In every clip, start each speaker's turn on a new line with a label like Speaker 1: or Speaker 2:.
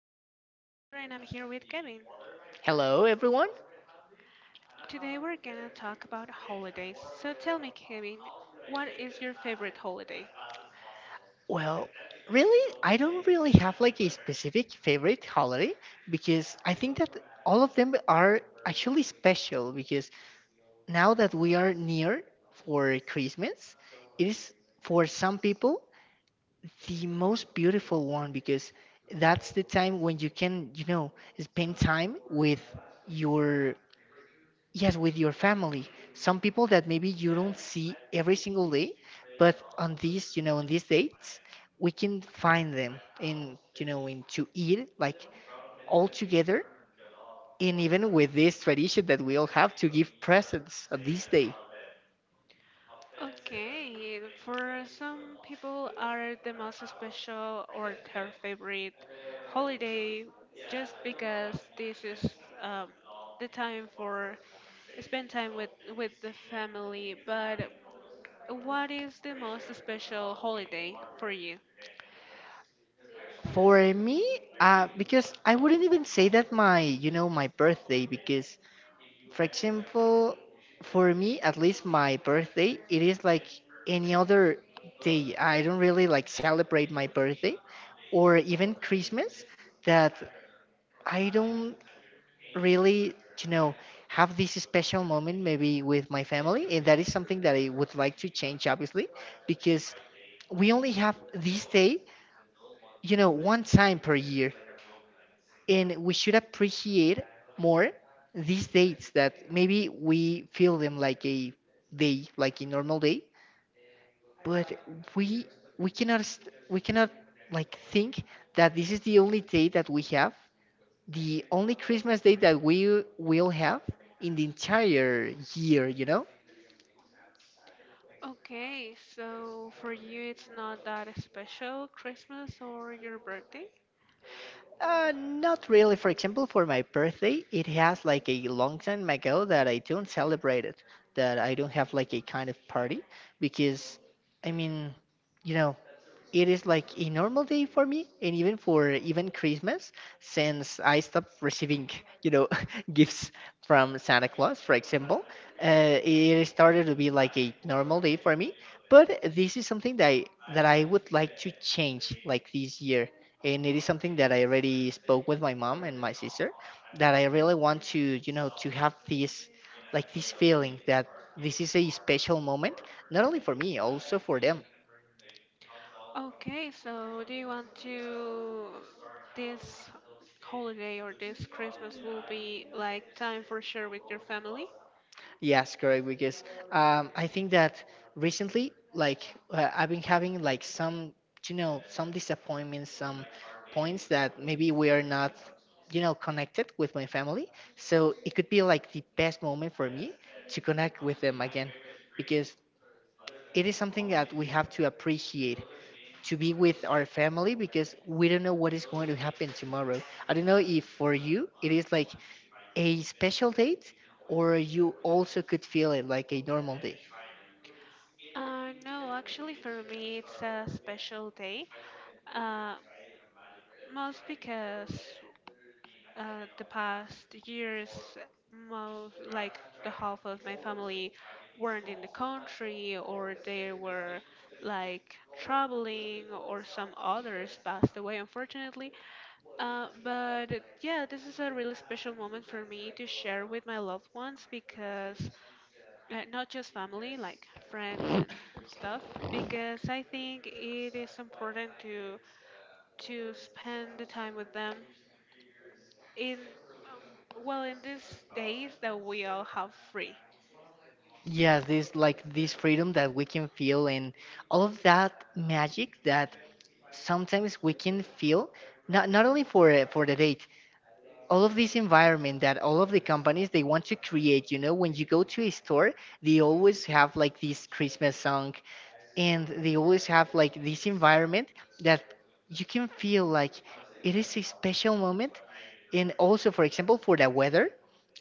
Speaker 1: name is Alexandra and I'm here with Kevin.
Speaker 2: Hello, everyone.
Speaker 1: Today we're gonna talk about holidays. So tell me, Kevin, what is your favorite holiday?
Speaker 2: Well, really, I don't really have like a specific favorite holiday because I think that all of them are actually special because now that we are near for Christmas, it is for some people the most beautiful one because that's the time when you can, spend time with your Yes, with your family. Some people that maybe you don't see every single day, but on these, on these dates, we can find them in, in to eat like all together, and even with this tradition that we all have to give presents on this day.
Speaker 1: Okay, for some people are the most special or their favorite holiday just because this is um, the time for spend time with the family. But what is the most special holiday for you?
Speaker 2: For me, because I wouldn't even say that my, my birthday, because For example, for me, at least my birthday, it is like any other day. I don't really like celebrate my birthday or even Christmas that I don't really, you know, have this special moment maybe with my family. And that is something that I would like to change, obviously, because we only have this day, one time per year and we should appreciate more these dates that maybe we feel them like a day like a normal day but we we cannot st- we cannot like think that this is the only day that we have, the only Christmas day that we will have in the entire year.
Speaker 1: Okay, so for you it's not that special, Christmas or your birthday?
Speaker 2: Not really. For example, for my birthday, it has like a long time ago that I don't celebrate it, that I don't have like a kind of party because, I mean, you know, it is like a normal day for me and even Christmas since I stopped receiving, you know, gifts from Santa Claus, for example. It started to be like a normal day for me, but this is something that I would like to change like this year, and it is something that I already spoke with my mom and my sister, that I really want to, you know, to have this, like this feeling that this is a special moment, not only for me, also for them.
Speaker 1: Okay, so do you want to this holiday or this Christmas will be like time for share with your family?
Speaker 2: Yes, correct. Because I think that recently, like I've been having like some, some disappointments, some points that maybe we are not, connected with my family. So it could be like the best moment for me to connect with them again, because it is something that we have to appreciate, to be with our family, because we don't know what is going to happen tomorrow. I don't know if for you it is like a special date or you also could feel it like a normal day.
Speaker 1: No, actually for me it's a special day. Uh, Most because the past years, most like the half of my family weren't in the country or they were like traveling or some others passed away, unfortunately. But yeah, this is a really special moment for me to share with my loved ones because not just family, like friends and stuff, because I think it is important to spend the time with them in well, in these days that we all have free.
Speaker 2: Yeah, this like this freedom that we can feel and all of that magic that sometimes we can feel not only for the date, all of this environment that all of the companies they want to create, you know, when you go to a store they always have like this Christmas song, and they always have like this environment that you can feel like it is a special moment. And also, for example, for the weather,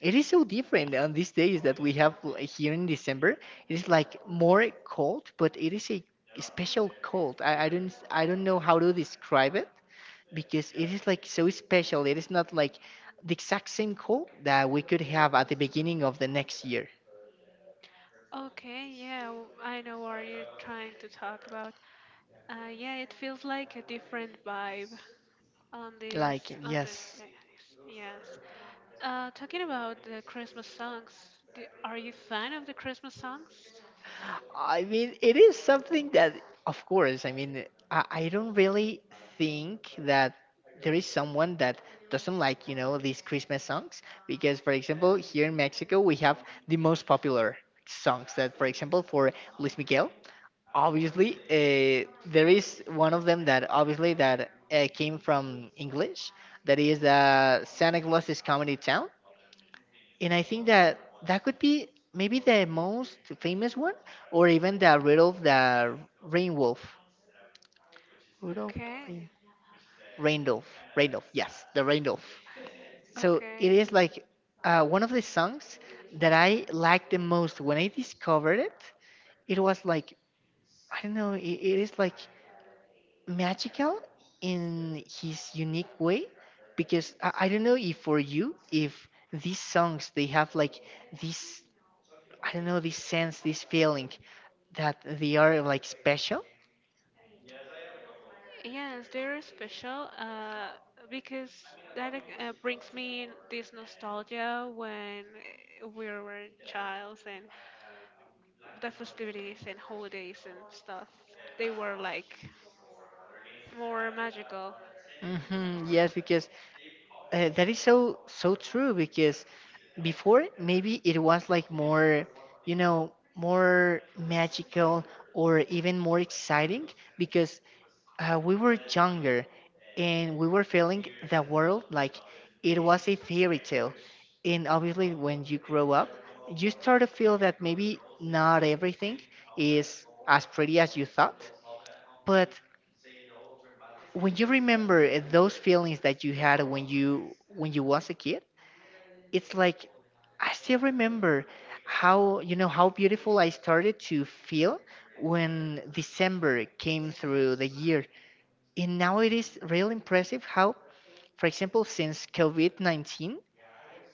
Speaker 2: it is so different on these days that we have here in December. It is like more cold, but it is a special cold. I don't, I don't know how to describe it, because it is like so special. It is not like the exact same cold that we could have at the beginning of the next year.
Speaker 1: Okay, yeah, I know what you're trying to talk about. Yeah, it feels like a different vibe on this
Speaker 2: Like,
Speaker 1: on this
Speaker 2: yes.
Speaker 1: days. Yes. Talking about the Christmas songs, are you fan of the Christmas songs?
Speaker 2: I mean, it is something that, of course, I mean, I don't really think that there is someone that doesn't like, you know, these Christmas songs. Because, for example, here in Mexico, we have the most popular songs that, for example, for Luis Miguel, obviously, there is one of them that obviously that came from English. That is Santa Claus is Coming to Town. And I think that that could be maybe the most famous one, or even the Rudolph the Rainwolf. Rudolph, the
Speaker 1: Okay.
Speaker 2: Rain, Randolph, Randolph. Yes, the Randolph. So it
Speaker 1: Okay.
Speaker 2: is like one of the songs that I liked the most when I discovered it. It was like, I don't know. It is like magical in his unique way, because I don't know if for you, if these songs they have like this, I don't know, this sense, this feeling that they are like special.
Speaker 1: Yes, they're special, because that brings me this nostalgia when we were childs and the festivities and holidays and stuff, they were like more magical.
Speaker 2: Hmm, yes, because that is so so true because before maybe it was like more, you know, more magical, or even more exciting because we were younger and we were feeling the world like it was a fairy tale. And obviously when you grow up you start to feel that maybe not everything is as pretty as you thought. But when you remember those feelings that you had when you was a kid, it's like, I still remember how, you know, how beautiful I started to feel when December came through the year. And now it is really impressive how, for example, since COVID-19,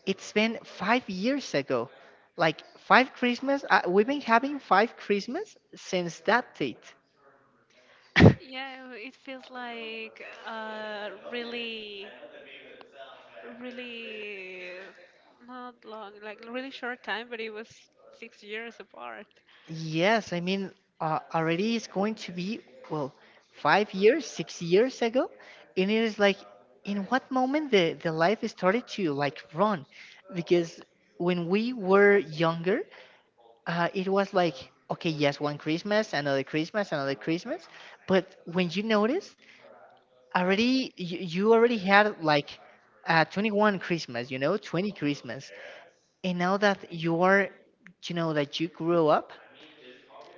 Speaker 2: it's been 5 years ago. Like five Christmas, we've been having five Christmas since that date.
Speaker 1: Yeah, it feels like really, really not long, like really short time, but it was 6 years apart.
Speaker 2: Yes, I mean, already it's going to be, well, 5 years, 6 years ago. And it is like, in what moment the life started to like run? Because when we were younger, it was like, okay, yes, one Christmas, another Christmas, another Christmas. But when you notice, already you already had like 21 Christmas, you know, 20 Christmas. And now that you are, you know, that you grew up,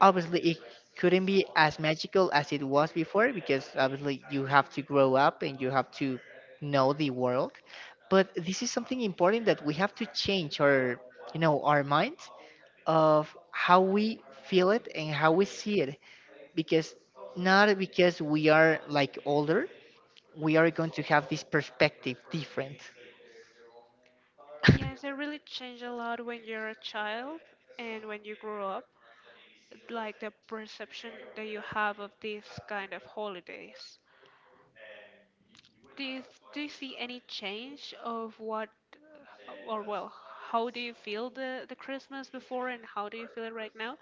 Speaker 2: obviously it couldn't be as magical as it was before because obviously you have to grow up and you have to know the world. But this is something important, that we have to change our, you know, our mind of how we feel it and how we see it, because not because we are like older we are going to have this perspective different.
Speaker 1: Yes, it really changed a lot when you're a child and when you grow up, like the perception that you have of these kind of holidays. Do you, do you see any change of what? Or well, how do you feel the christmas before and how do you feel it right now?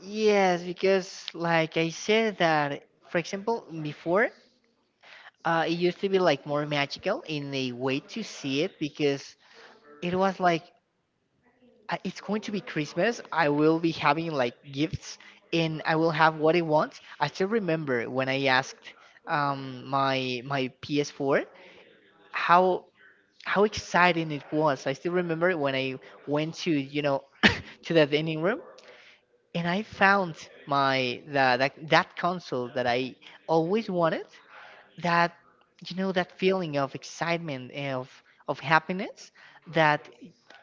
Speaker 2: Yes, because like I said, that for example before, it used to be like more magical in a way to see it because it was like, it's going to be Christmas. I will be having like gifts and I will have what I want." I still remember when I asked my PS4, how how exciting it was. I still remember when I went to, you know, to the dining room and I found my the, that console that I always wanted, that, you know, that feeling of excitement, of happiness, that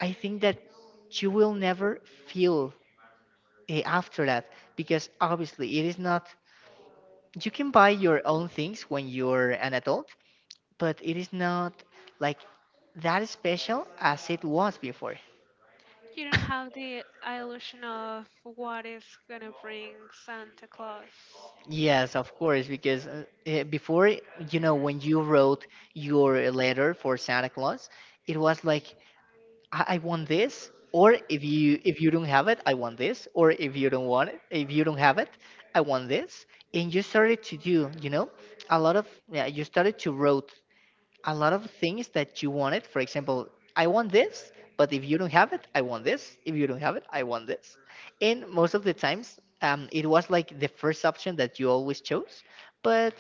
Speaker 2: I think that you will never feel after that, because obviously it is not, you can buy your own things when you're an adult, but it is not like that special as it was before.
Speaker 1: You don't have the illusion of what is gonna bring santa claus.
Speaker 2: Yes, of course, because before, you know, when you wrote your letter for Santa Claus, it was like, I want this, or if you don't have it, I want this, or if you don't want it, if you don't have it, I want this. And you started to do, you know, a lot of, yeah, you started to wrote a lot of things that you wanted. For example, I want this, but if you don't have it, I want this. If you don't have it, I want this. And most of the times, it was like the first option that you always chose, but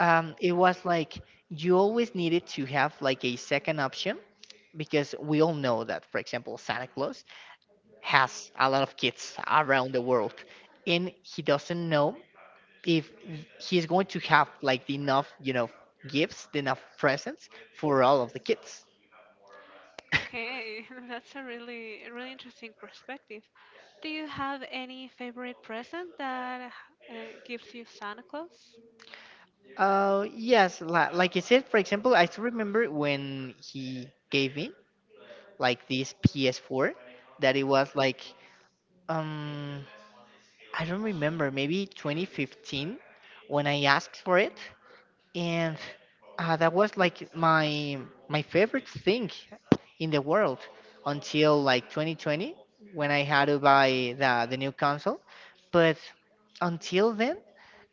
Speaker 2: it was like you always needed to have like a second option, because we all know that, for example, Santa Claus has a lot of kids around the world, and he doesn't know if he's going to have like the enough, you know, gifts, the enough presents for all of the kids.
Speaker 1: Okay, that's a really interesting perspective. Do you have any favorite present that uh, gives you santa claus?
Speaker 2: Yes, like I said, for example, I still remember when he gave me like this PS4, that it was like, um I don't remember, maybe 2015 when I asked for it. And that was like my favorite thing in the world, until like 2020, when I had to buy the new console. But until then,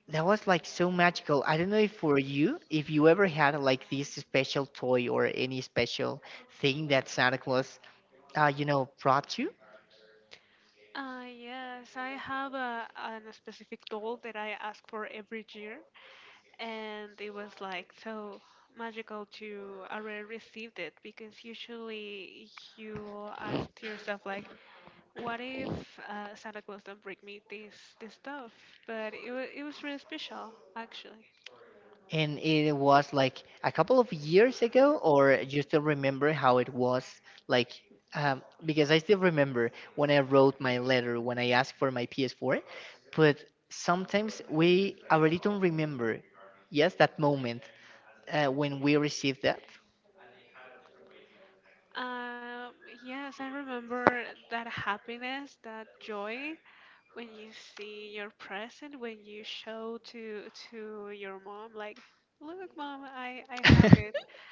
Speaker 2: that was like so magical. I don't know if for you, if you ever had like this special toy or any special thing that Santa Claus, you know, brought you.
Speaker 1: Yes, I have a, a specific doll that I ask for every year, and it was like so magical to already received it, because usually you ask to yourself like, what if santa claus don't bring me this this stuff? But it was really special, actually.
Speaker 2: And it was like a couple of years ago, or you still remember how it was? Like, because I still remember when I wrote my letter when I asked for my PS4, but sometimes we already don't remember, yes, that moment when we received that.
Speaker 1: um, yes, I remember that happiness, that joy, when you see your present, when you show to your mom like, look mom, I have it.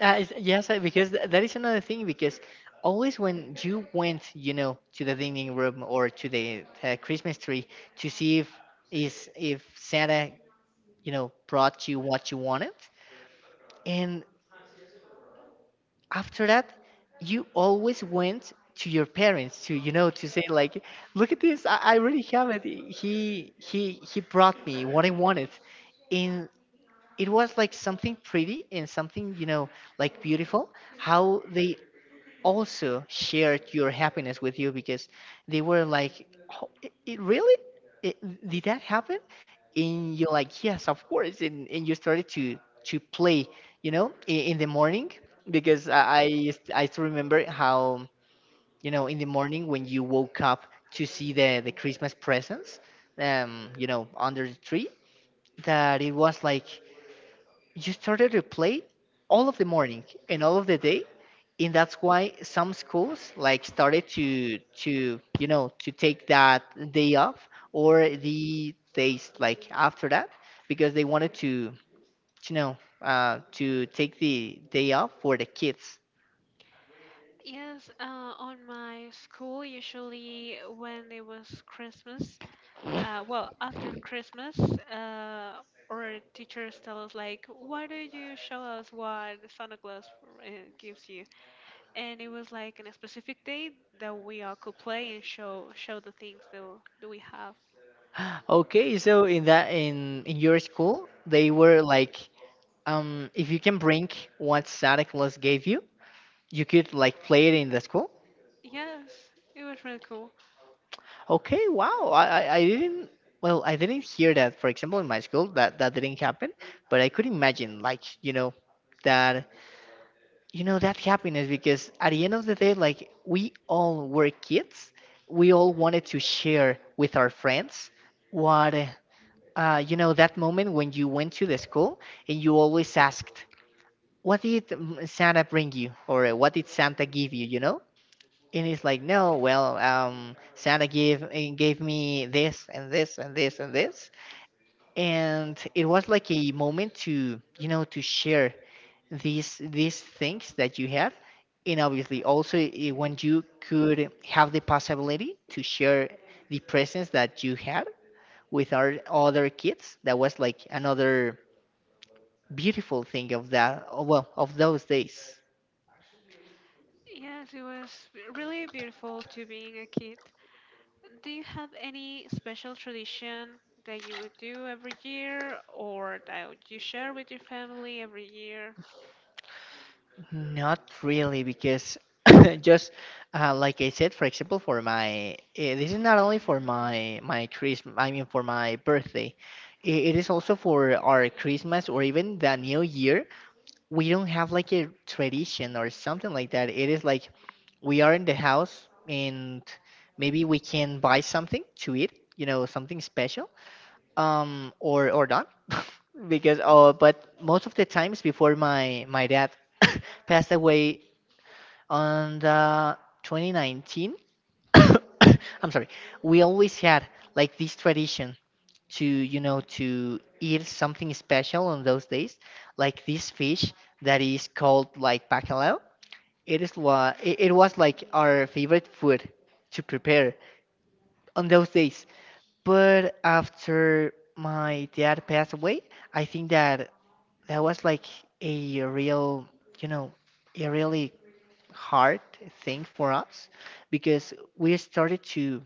Speaker 2: Yes, because that is another thing. Because always when you went, you know, to the dining room or to the Christmas tree, to see if is if Santa, you know, brought you what you wanted. And after that, you always went to your parents to say like, look at this, I really have it. He brought me what I wanted. And it was like something pretty and something like beautiful, how they also shared your happiness with you because they were like, oh, it really? Did that happen? And you're like, yes, of course. And you started to play, in the morning, because I still remember how, in the morning, when you woke up to see the Christmas presents, under the tree. That it was like you started to play all of the morning and all of the day. And that's why some schools like started to you know to take that day off, or the days like after that, because they wanted to you know to take the day off for the kids.
Speaker 1: Yes, on my school, usually when it was Christmas, well, after Christmas, uh, our teachers tell us, like, why don't you show us what Santa Claus uh, gives you? And it was like on a specific day that we all could play and show the things that, that we have.
Speaker 2: Okay, so in that in your school they were like, if you can bring what Santa Claus gave you you could like play it in the school.
Speaker 1: Yes, it was really cool.
Speaker 2: Okay, wow. I didn't well, I didn't hear that. For example, in my school that didn't happen, but I could imagine like, that you know that happiness, because at the end of the day like we all were kids. We all wanted to share with our friends what you know that moment when you went to the school, and you always asked what did Santa bring you, or what did Santa give you, you know? And it's like, no, well, Santa gave me this and this and this and this. And it was like a moment to you know to share these things that you had. And obviously also, when you could have the possibility to share the presents that you had with our other kids, that was like another beautiful thing of that, oh, well, of those days.
Speaker 1: Yes, it was really beautiful to being a kid. Do you have any special tradition that you would do every year or that you share with your family every year?
Speaker 2: Not really, because just like I said, for example, this is not only for my Christmas. I mean, for my birthday, it is also for our Christmas or even the New Year. We don't have like a tradition or something like that. It is like we are in the house, and maybe we can buy something to eat, something special, or not, because oh, but most of the times, before my dad passed away on the 2019. I'm sorry. We always had like this tradition, to you know to eat something special on those days, like this fish that is called like bacalao. It is what it was like our favorite food to prepare on those days. But after my dad passed away, I think that that was like a real you know a really hard thing for us, because we started to,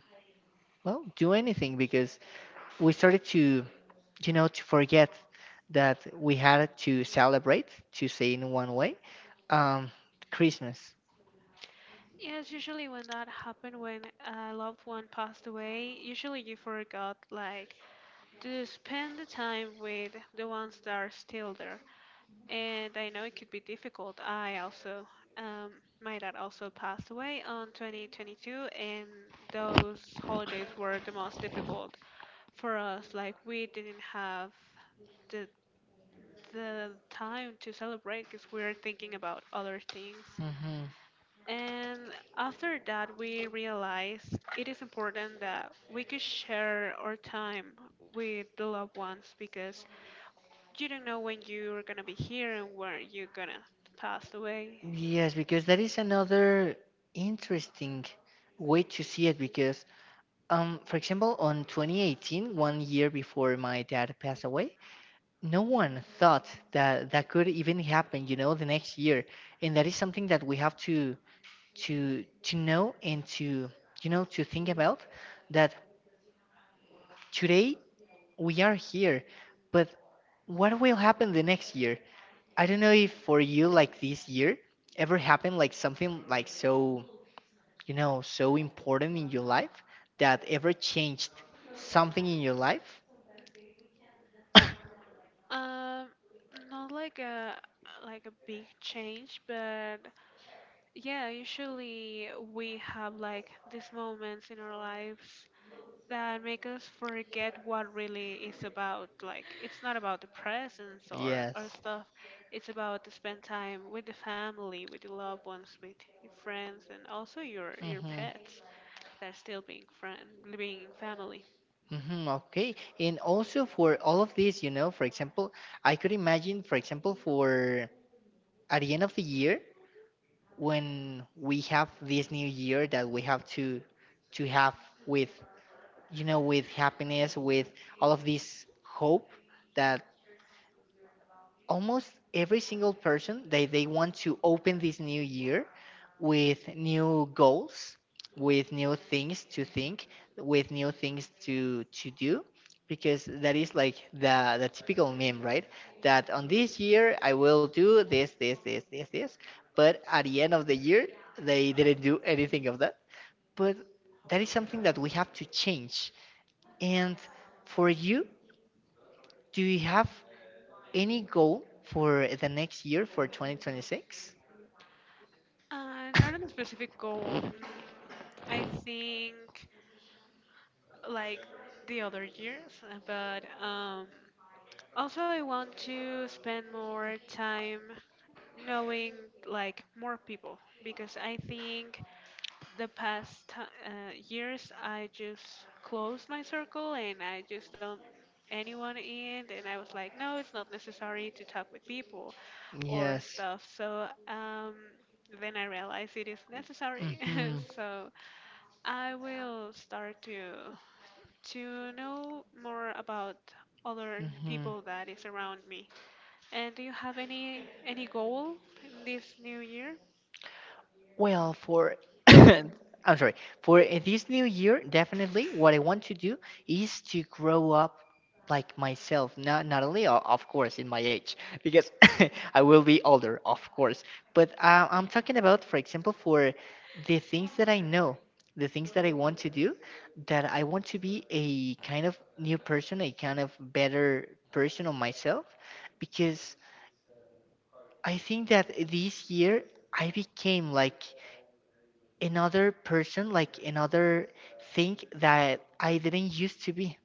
Speaker 2: well, do anything, because we started to you know to forget that we had to celebrate, to say in one way, um Christmas.
Speaker 1: Yes, usually when that happened, when a loved one passed away, usually you forgot like to spend the time with the ones that are still there. And I know it could be difficult. I also, um, my dad also passed away on 2022, and those holidays were the most difficult for us. Like we didn't have the time to celebrate because we're thinking about other things.
Speaker 2: Hmm.
Speaker 1: And after that, we realize it is important that we could share our time with the loved ones because you don't know when you're gonna be here and where you're gonna pass away.
Speaker 2: Yes, because that is another interesting way to see it, because, for example, on 2018, one year before my dad passed away, no one thought that that could even happen, the next year. And that is something that we have to know, and to you know to think about, that today we are here, but what will happen the next year? I don't know if for you like this year ever happened like something like so important in your life, that ever changed something in your life.
Speaker 1: Um, Not like a big change, but yeah, usually we have like these moments in our lives that make us forget what really is about. Like it's not about the presents or
Speaker 2: Yes.
Speaker 1: stuff. It's about to spend time with the family, with the loved ones, with your friends, and also your
Speaker 2: Mm-hmm.
Speaker 1: pets that are still being friend, being family.
Speaker 2: Hmm. Okay. And also for all of this, for example, I could imagine, for example, for at the end of the year, when we have this new year, that we have to have, with you know with happiness, with all of this hope, that almost every single person, they want to open this new year with new goals, with new things to think, with new things to do. Because that is like the typical meme, right, that on this year I will do this this this this this, but at the end of the year they didn't do anything of that. But that is something that we have to change, and for you, do you have any goal for the next year, for 2026?
Speaker 1: Not on a specific goal. Mm, I think like the other years, but. Also, I want to spend more time knowing like more people because I think the past ti years, I just closed my circle and I just don't anyone in. And I was like, no, it's not necessary to talk with people or
Speaker 2: Yes.
Speaker 1: stuff. So then I realized it is necessary.
Speaker 2: Mm-hmm.
Speaker 1: so I will start to know more about other people that is around me. And do you have any goal in this new year?
Speaker 2: Well, for I'm sorry. For this new year, definitely what I want to do is to grow up like myself. Not only, of course, in my age, because I will be older, of course. But I'm talking about, for example, for the things that I know, the things that I want to do, that I want to be a kind of new person, a kind of better person of myself, because I think that this year I became like another person, like another thing that I didn't used to be.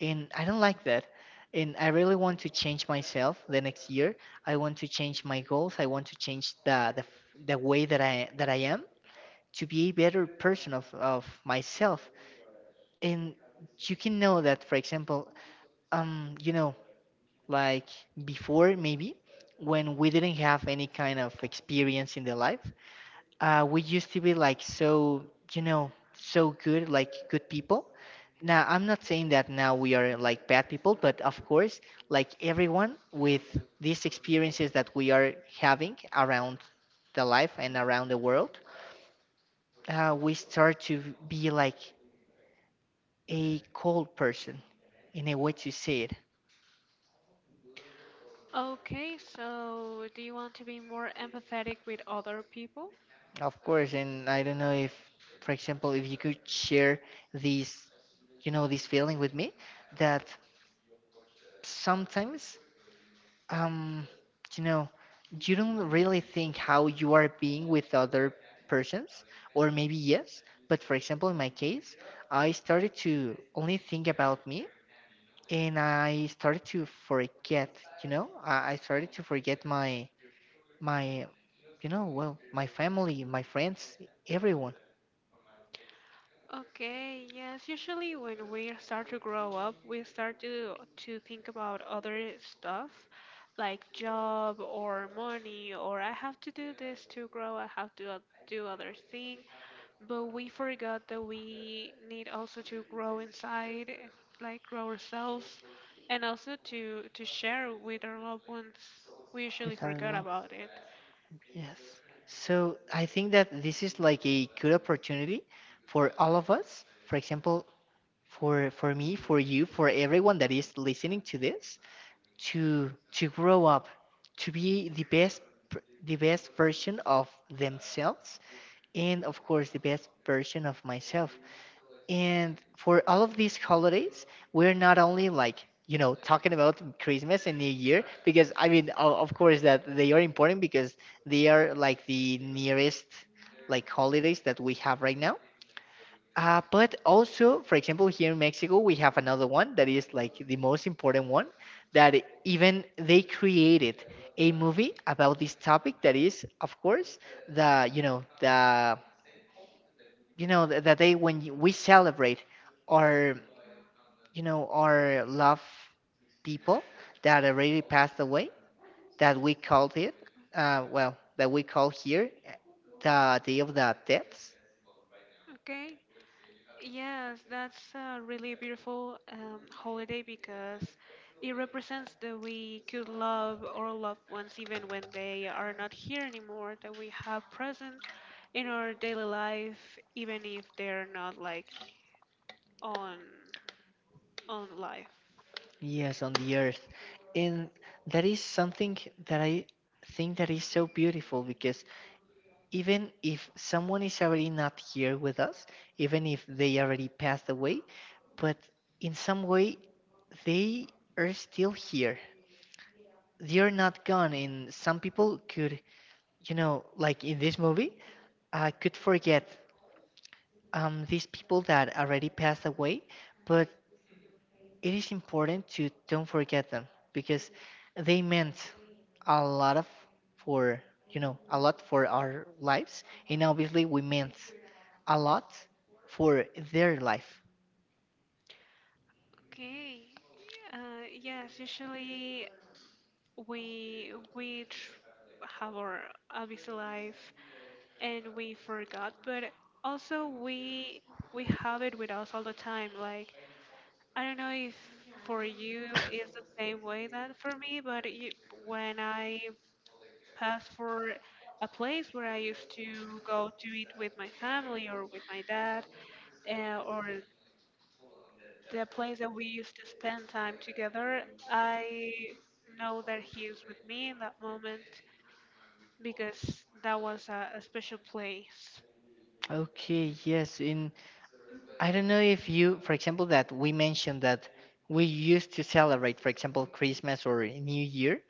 Speaker 2: And I don't like that. And I really want to change myself the next year. I want to change my goals. I want to change the way that I am, to be a better person of myself. And you can know that, for example, um, you know, like, before maybe, when we didn't have any kind of experience in the life, we used to be like so good, like good people. Now, I'm not saying that now we are like bad people, but of course, like everyone with these experiences that we are having around the life and around the world, we start to be like a cold person, in a way to say it.
Speaker 1: Okay, so do you want to be more empathetic with other people?
Speaker 2: Of course, and I don't know if, for example, if you could share these, this feeling with me, that sometimes, Um, you know, you don't really think how you are being with other persons, or maybe yes, but for example, in my case, I started to only think about me, and I started to forget, I started to forget my, my, well, my family, my friends, everyone,
Speaker 1: Okay, yes, usually when we start to grow up, we start to think about other stuff like job or money or I have to do this to grow, I have to do other thing, but we forgot that we need also to grow inside, like grow ourselves and also to share with our loved ones. We
Speaker 2: who
Speaker 1: usually
Speaker 2: our
Speaker 1: forgot
Speaker 2: love.
Speaker 1: about it.
Speaker 2: Yes. So I think that this is like a good opportunity for all of us. For example, for me, for you, for everyone that is listening to this, to grow up, to be pr- the best version of themselves, and of course the best version of myself. And for all of these holidays, we're not only like talking about Christmas and New Year, because I mean, of course that they are important, because they are like the nearest like holidays that we have right now. But also, for example, here in Mexico, we have another one that is like the most important one, that, even they created a movie about this topic, that is, of course, the, you know, the, you know, the day when, we celebrate our, our love people that already passed away, that well, that we call here, the Day of the Deaths.
Speaker 1: Okay. Yes, that's a really beautiful holiday because it represents that we could love our loved ones even when they are not here anymore, that we have present in our daily life, even if they're not like on life.
Speaker 2: Yes, on the earth. And that is something that I think that is so beautiful because, even if someone is already not here with us, even if they already passed away, but in some way they are still here. They are not gone, and some people could, like in this movie, I could forget these people that already passed away, but it is important to don't forget them, because they meant a lot of for a lot for our lives, and obviously we meant a lot for their life.
Speaker 1: Okay. Yes, usually we we tr- have our obviously life and we forgot, but also we have it with us all the time. Like I don't know if for you it's the same way that for me, but you, when I pass for a place where I used to go to eat with my family or with my dad, or the place that we used to spend time together, I know that he is with me in that moment because that was a special place.
Speaker 2: Okay, yes, in I don't know if you, for example, that we mentioned that we used to celebrate, for example, Christmas or New Year,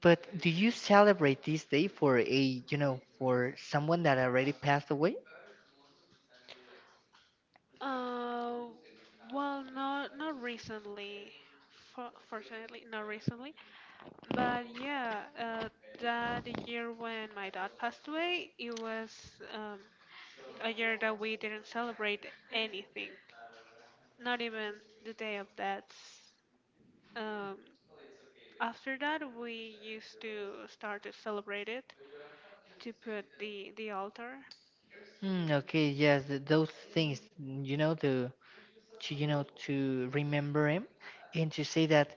Speaker 2: but do you celebrate this day for a you know for someone that already passed away?
Speaker 1: Uh, well, not not recently, fortunately, not recently. But yeah, that year when my dad passed away, it was um, a year that we didn't celebrate anything, not even the day of deaths. Um, After that, we used to start to celebrate it, to put the altar.
Speaker 2: Hmm. Okay, yes, those things, you know, to remember him, and to say that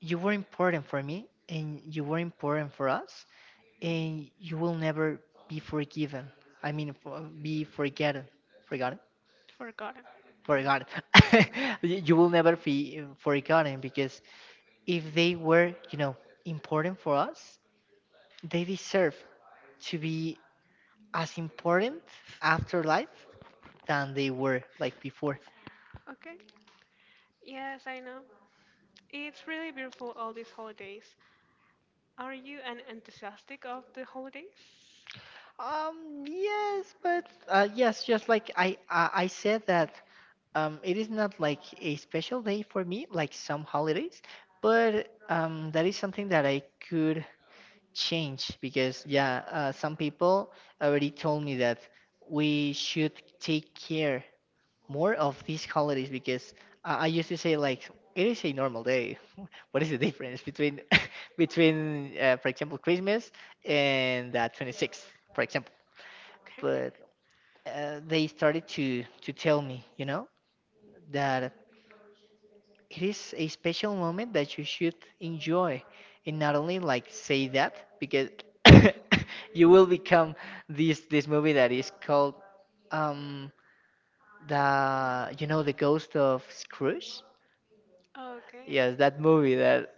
Speaker 2: you were important for me, and you were important for us, and you will never be forgiven, I mean, for, be forgotten. Forgotten.
Speaker 1: Forgotten.
Speaker 2: Forgotten. You will never be forgotten, because if they were important for us, they deserve to be as important after life than they were like before.
Speaker 1: Okay. Yes, I know. It's really beautiful all these holidays. Are you an enthusiastic of the holidays?
Speaker 2: Yes, but yes, just like I said that, it is not like a special day for me, like some holidays, but that is something that I could change, because yeah, some people already told me that we should take care more of these holidays, because I used to say like it is a normal day. What is the difference between between for example Christmas and 26th, for example?
Speaker 1: Okay.
Speaker 2: But they started to tell me, that it is a special moment that you should enjoy, and not only like say that, because you will become this movie that is called, um the you know the ghost of Scrooge.
Speaker 1: Okay.
Speaker 2: Yes, that movie that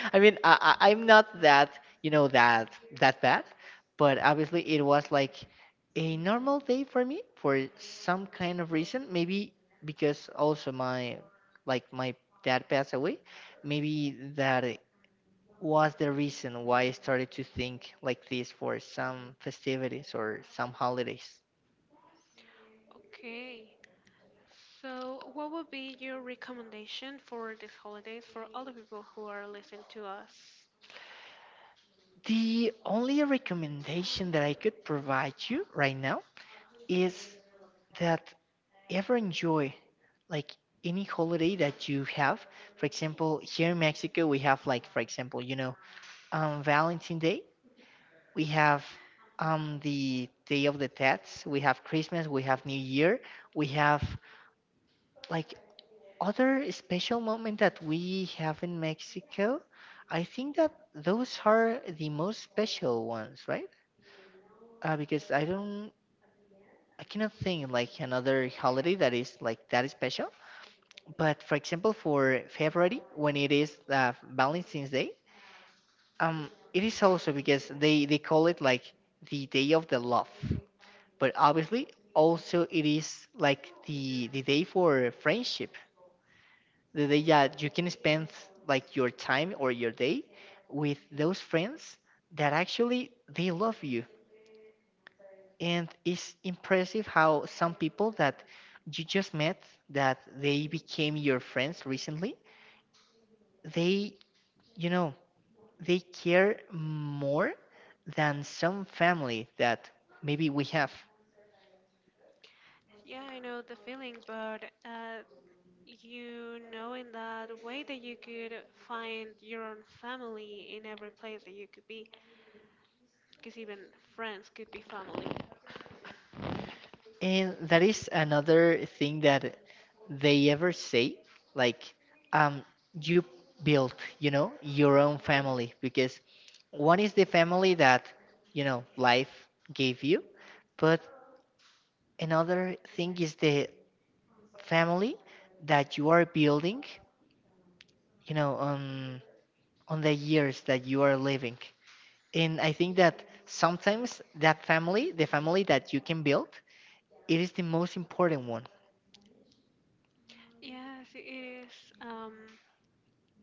Speaker 2: I mean, I'm not that that bad, but obviously it was like a normal day for me, for some kind of reason. Maybe because also my dad passed away. Maybe that it was the reason why I started to think like this for some festivities or some holidays.
Speaker 1: Okay. So, what would be your recommendation for these holidays for all the people who are listening to us?
Speaker 2: The only recommendation that I could provide you right now is that ever enjoy like any holiday that you have? For example, here in Mexico, we have like, for example, Valentine's Day. We have the Day of the Dead. We have Christmas. We have New Year. We have like other special moment that we have in Mexico. I think that those are the most special ones, right? Because I don't, I cannot think like another holiday that is like that special. But for example, for February, when it is Valentine's Day, it is also because they call it like the day of the love. But obviously, also it is like the day for friendship, the day that you can spend like your time or your day with those friends that actually they love you. And it's impressive how some people that you just met, that they became your friends recently, they you know they care more than some family that maybe we have.
Speaker 1: Yeah, I know the feeling, but you know, in that way that you could find your own family in every place that you could be, because even friends could be family.
Speaker 2: And that is another thing that they ever say, like, um, you build, your own family, because one is the family that, life gave you, but another thing is the family that you are building, you know, on on the years that you are living. And I think that sometimes that family, the family that you can build, it is the most important one.
Speaker 1: Yes, it is. Um,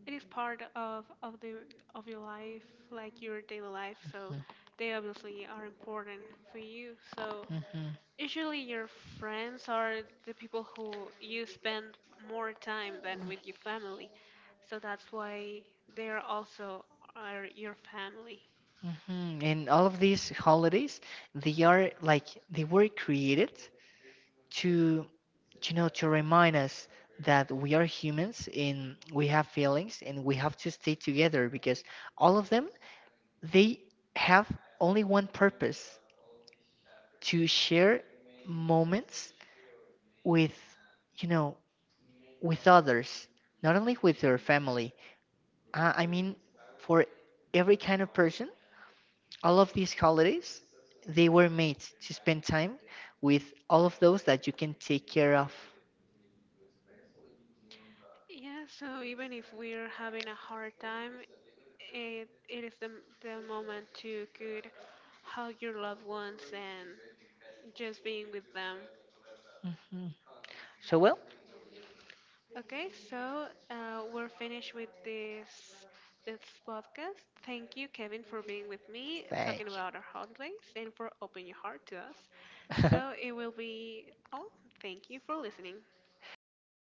Speaker 1: it is part of the of your life, like your daily life, so they obviously are important for you, so
Speaker 2: Mhm,
Speaker 1: usually your friends are the people who you spend more time than with your family, so that's why they are also are your family.
Speaker 2: mhm. And all of these holidays, they are like they were created to, to remind us that we are humans and we have feelings and we have to stay together, because all of them they have only one purpose, to share moments with, you know, with others, not only with your family. I mean, for every kind of person, all of these holidays, they were made to spend time with all of those that you can take care of.
Speaker 1: Yeah, so even if we're having a hard time, it is the moment to good hug your loved ones and just being with them.
Speaker 2: Mhm. So, well,
Speaker 1: Okay, so we're finished with this this podcast. Thank you, Kevin, for being with me,
Speaker 2: thank
Speaker 1: talking about our holidays, and for opening your heart to us.
Speaker 2: you.
Speaker 1: So it will be all. Thank you for listening.
Speaker 2: Goodbye.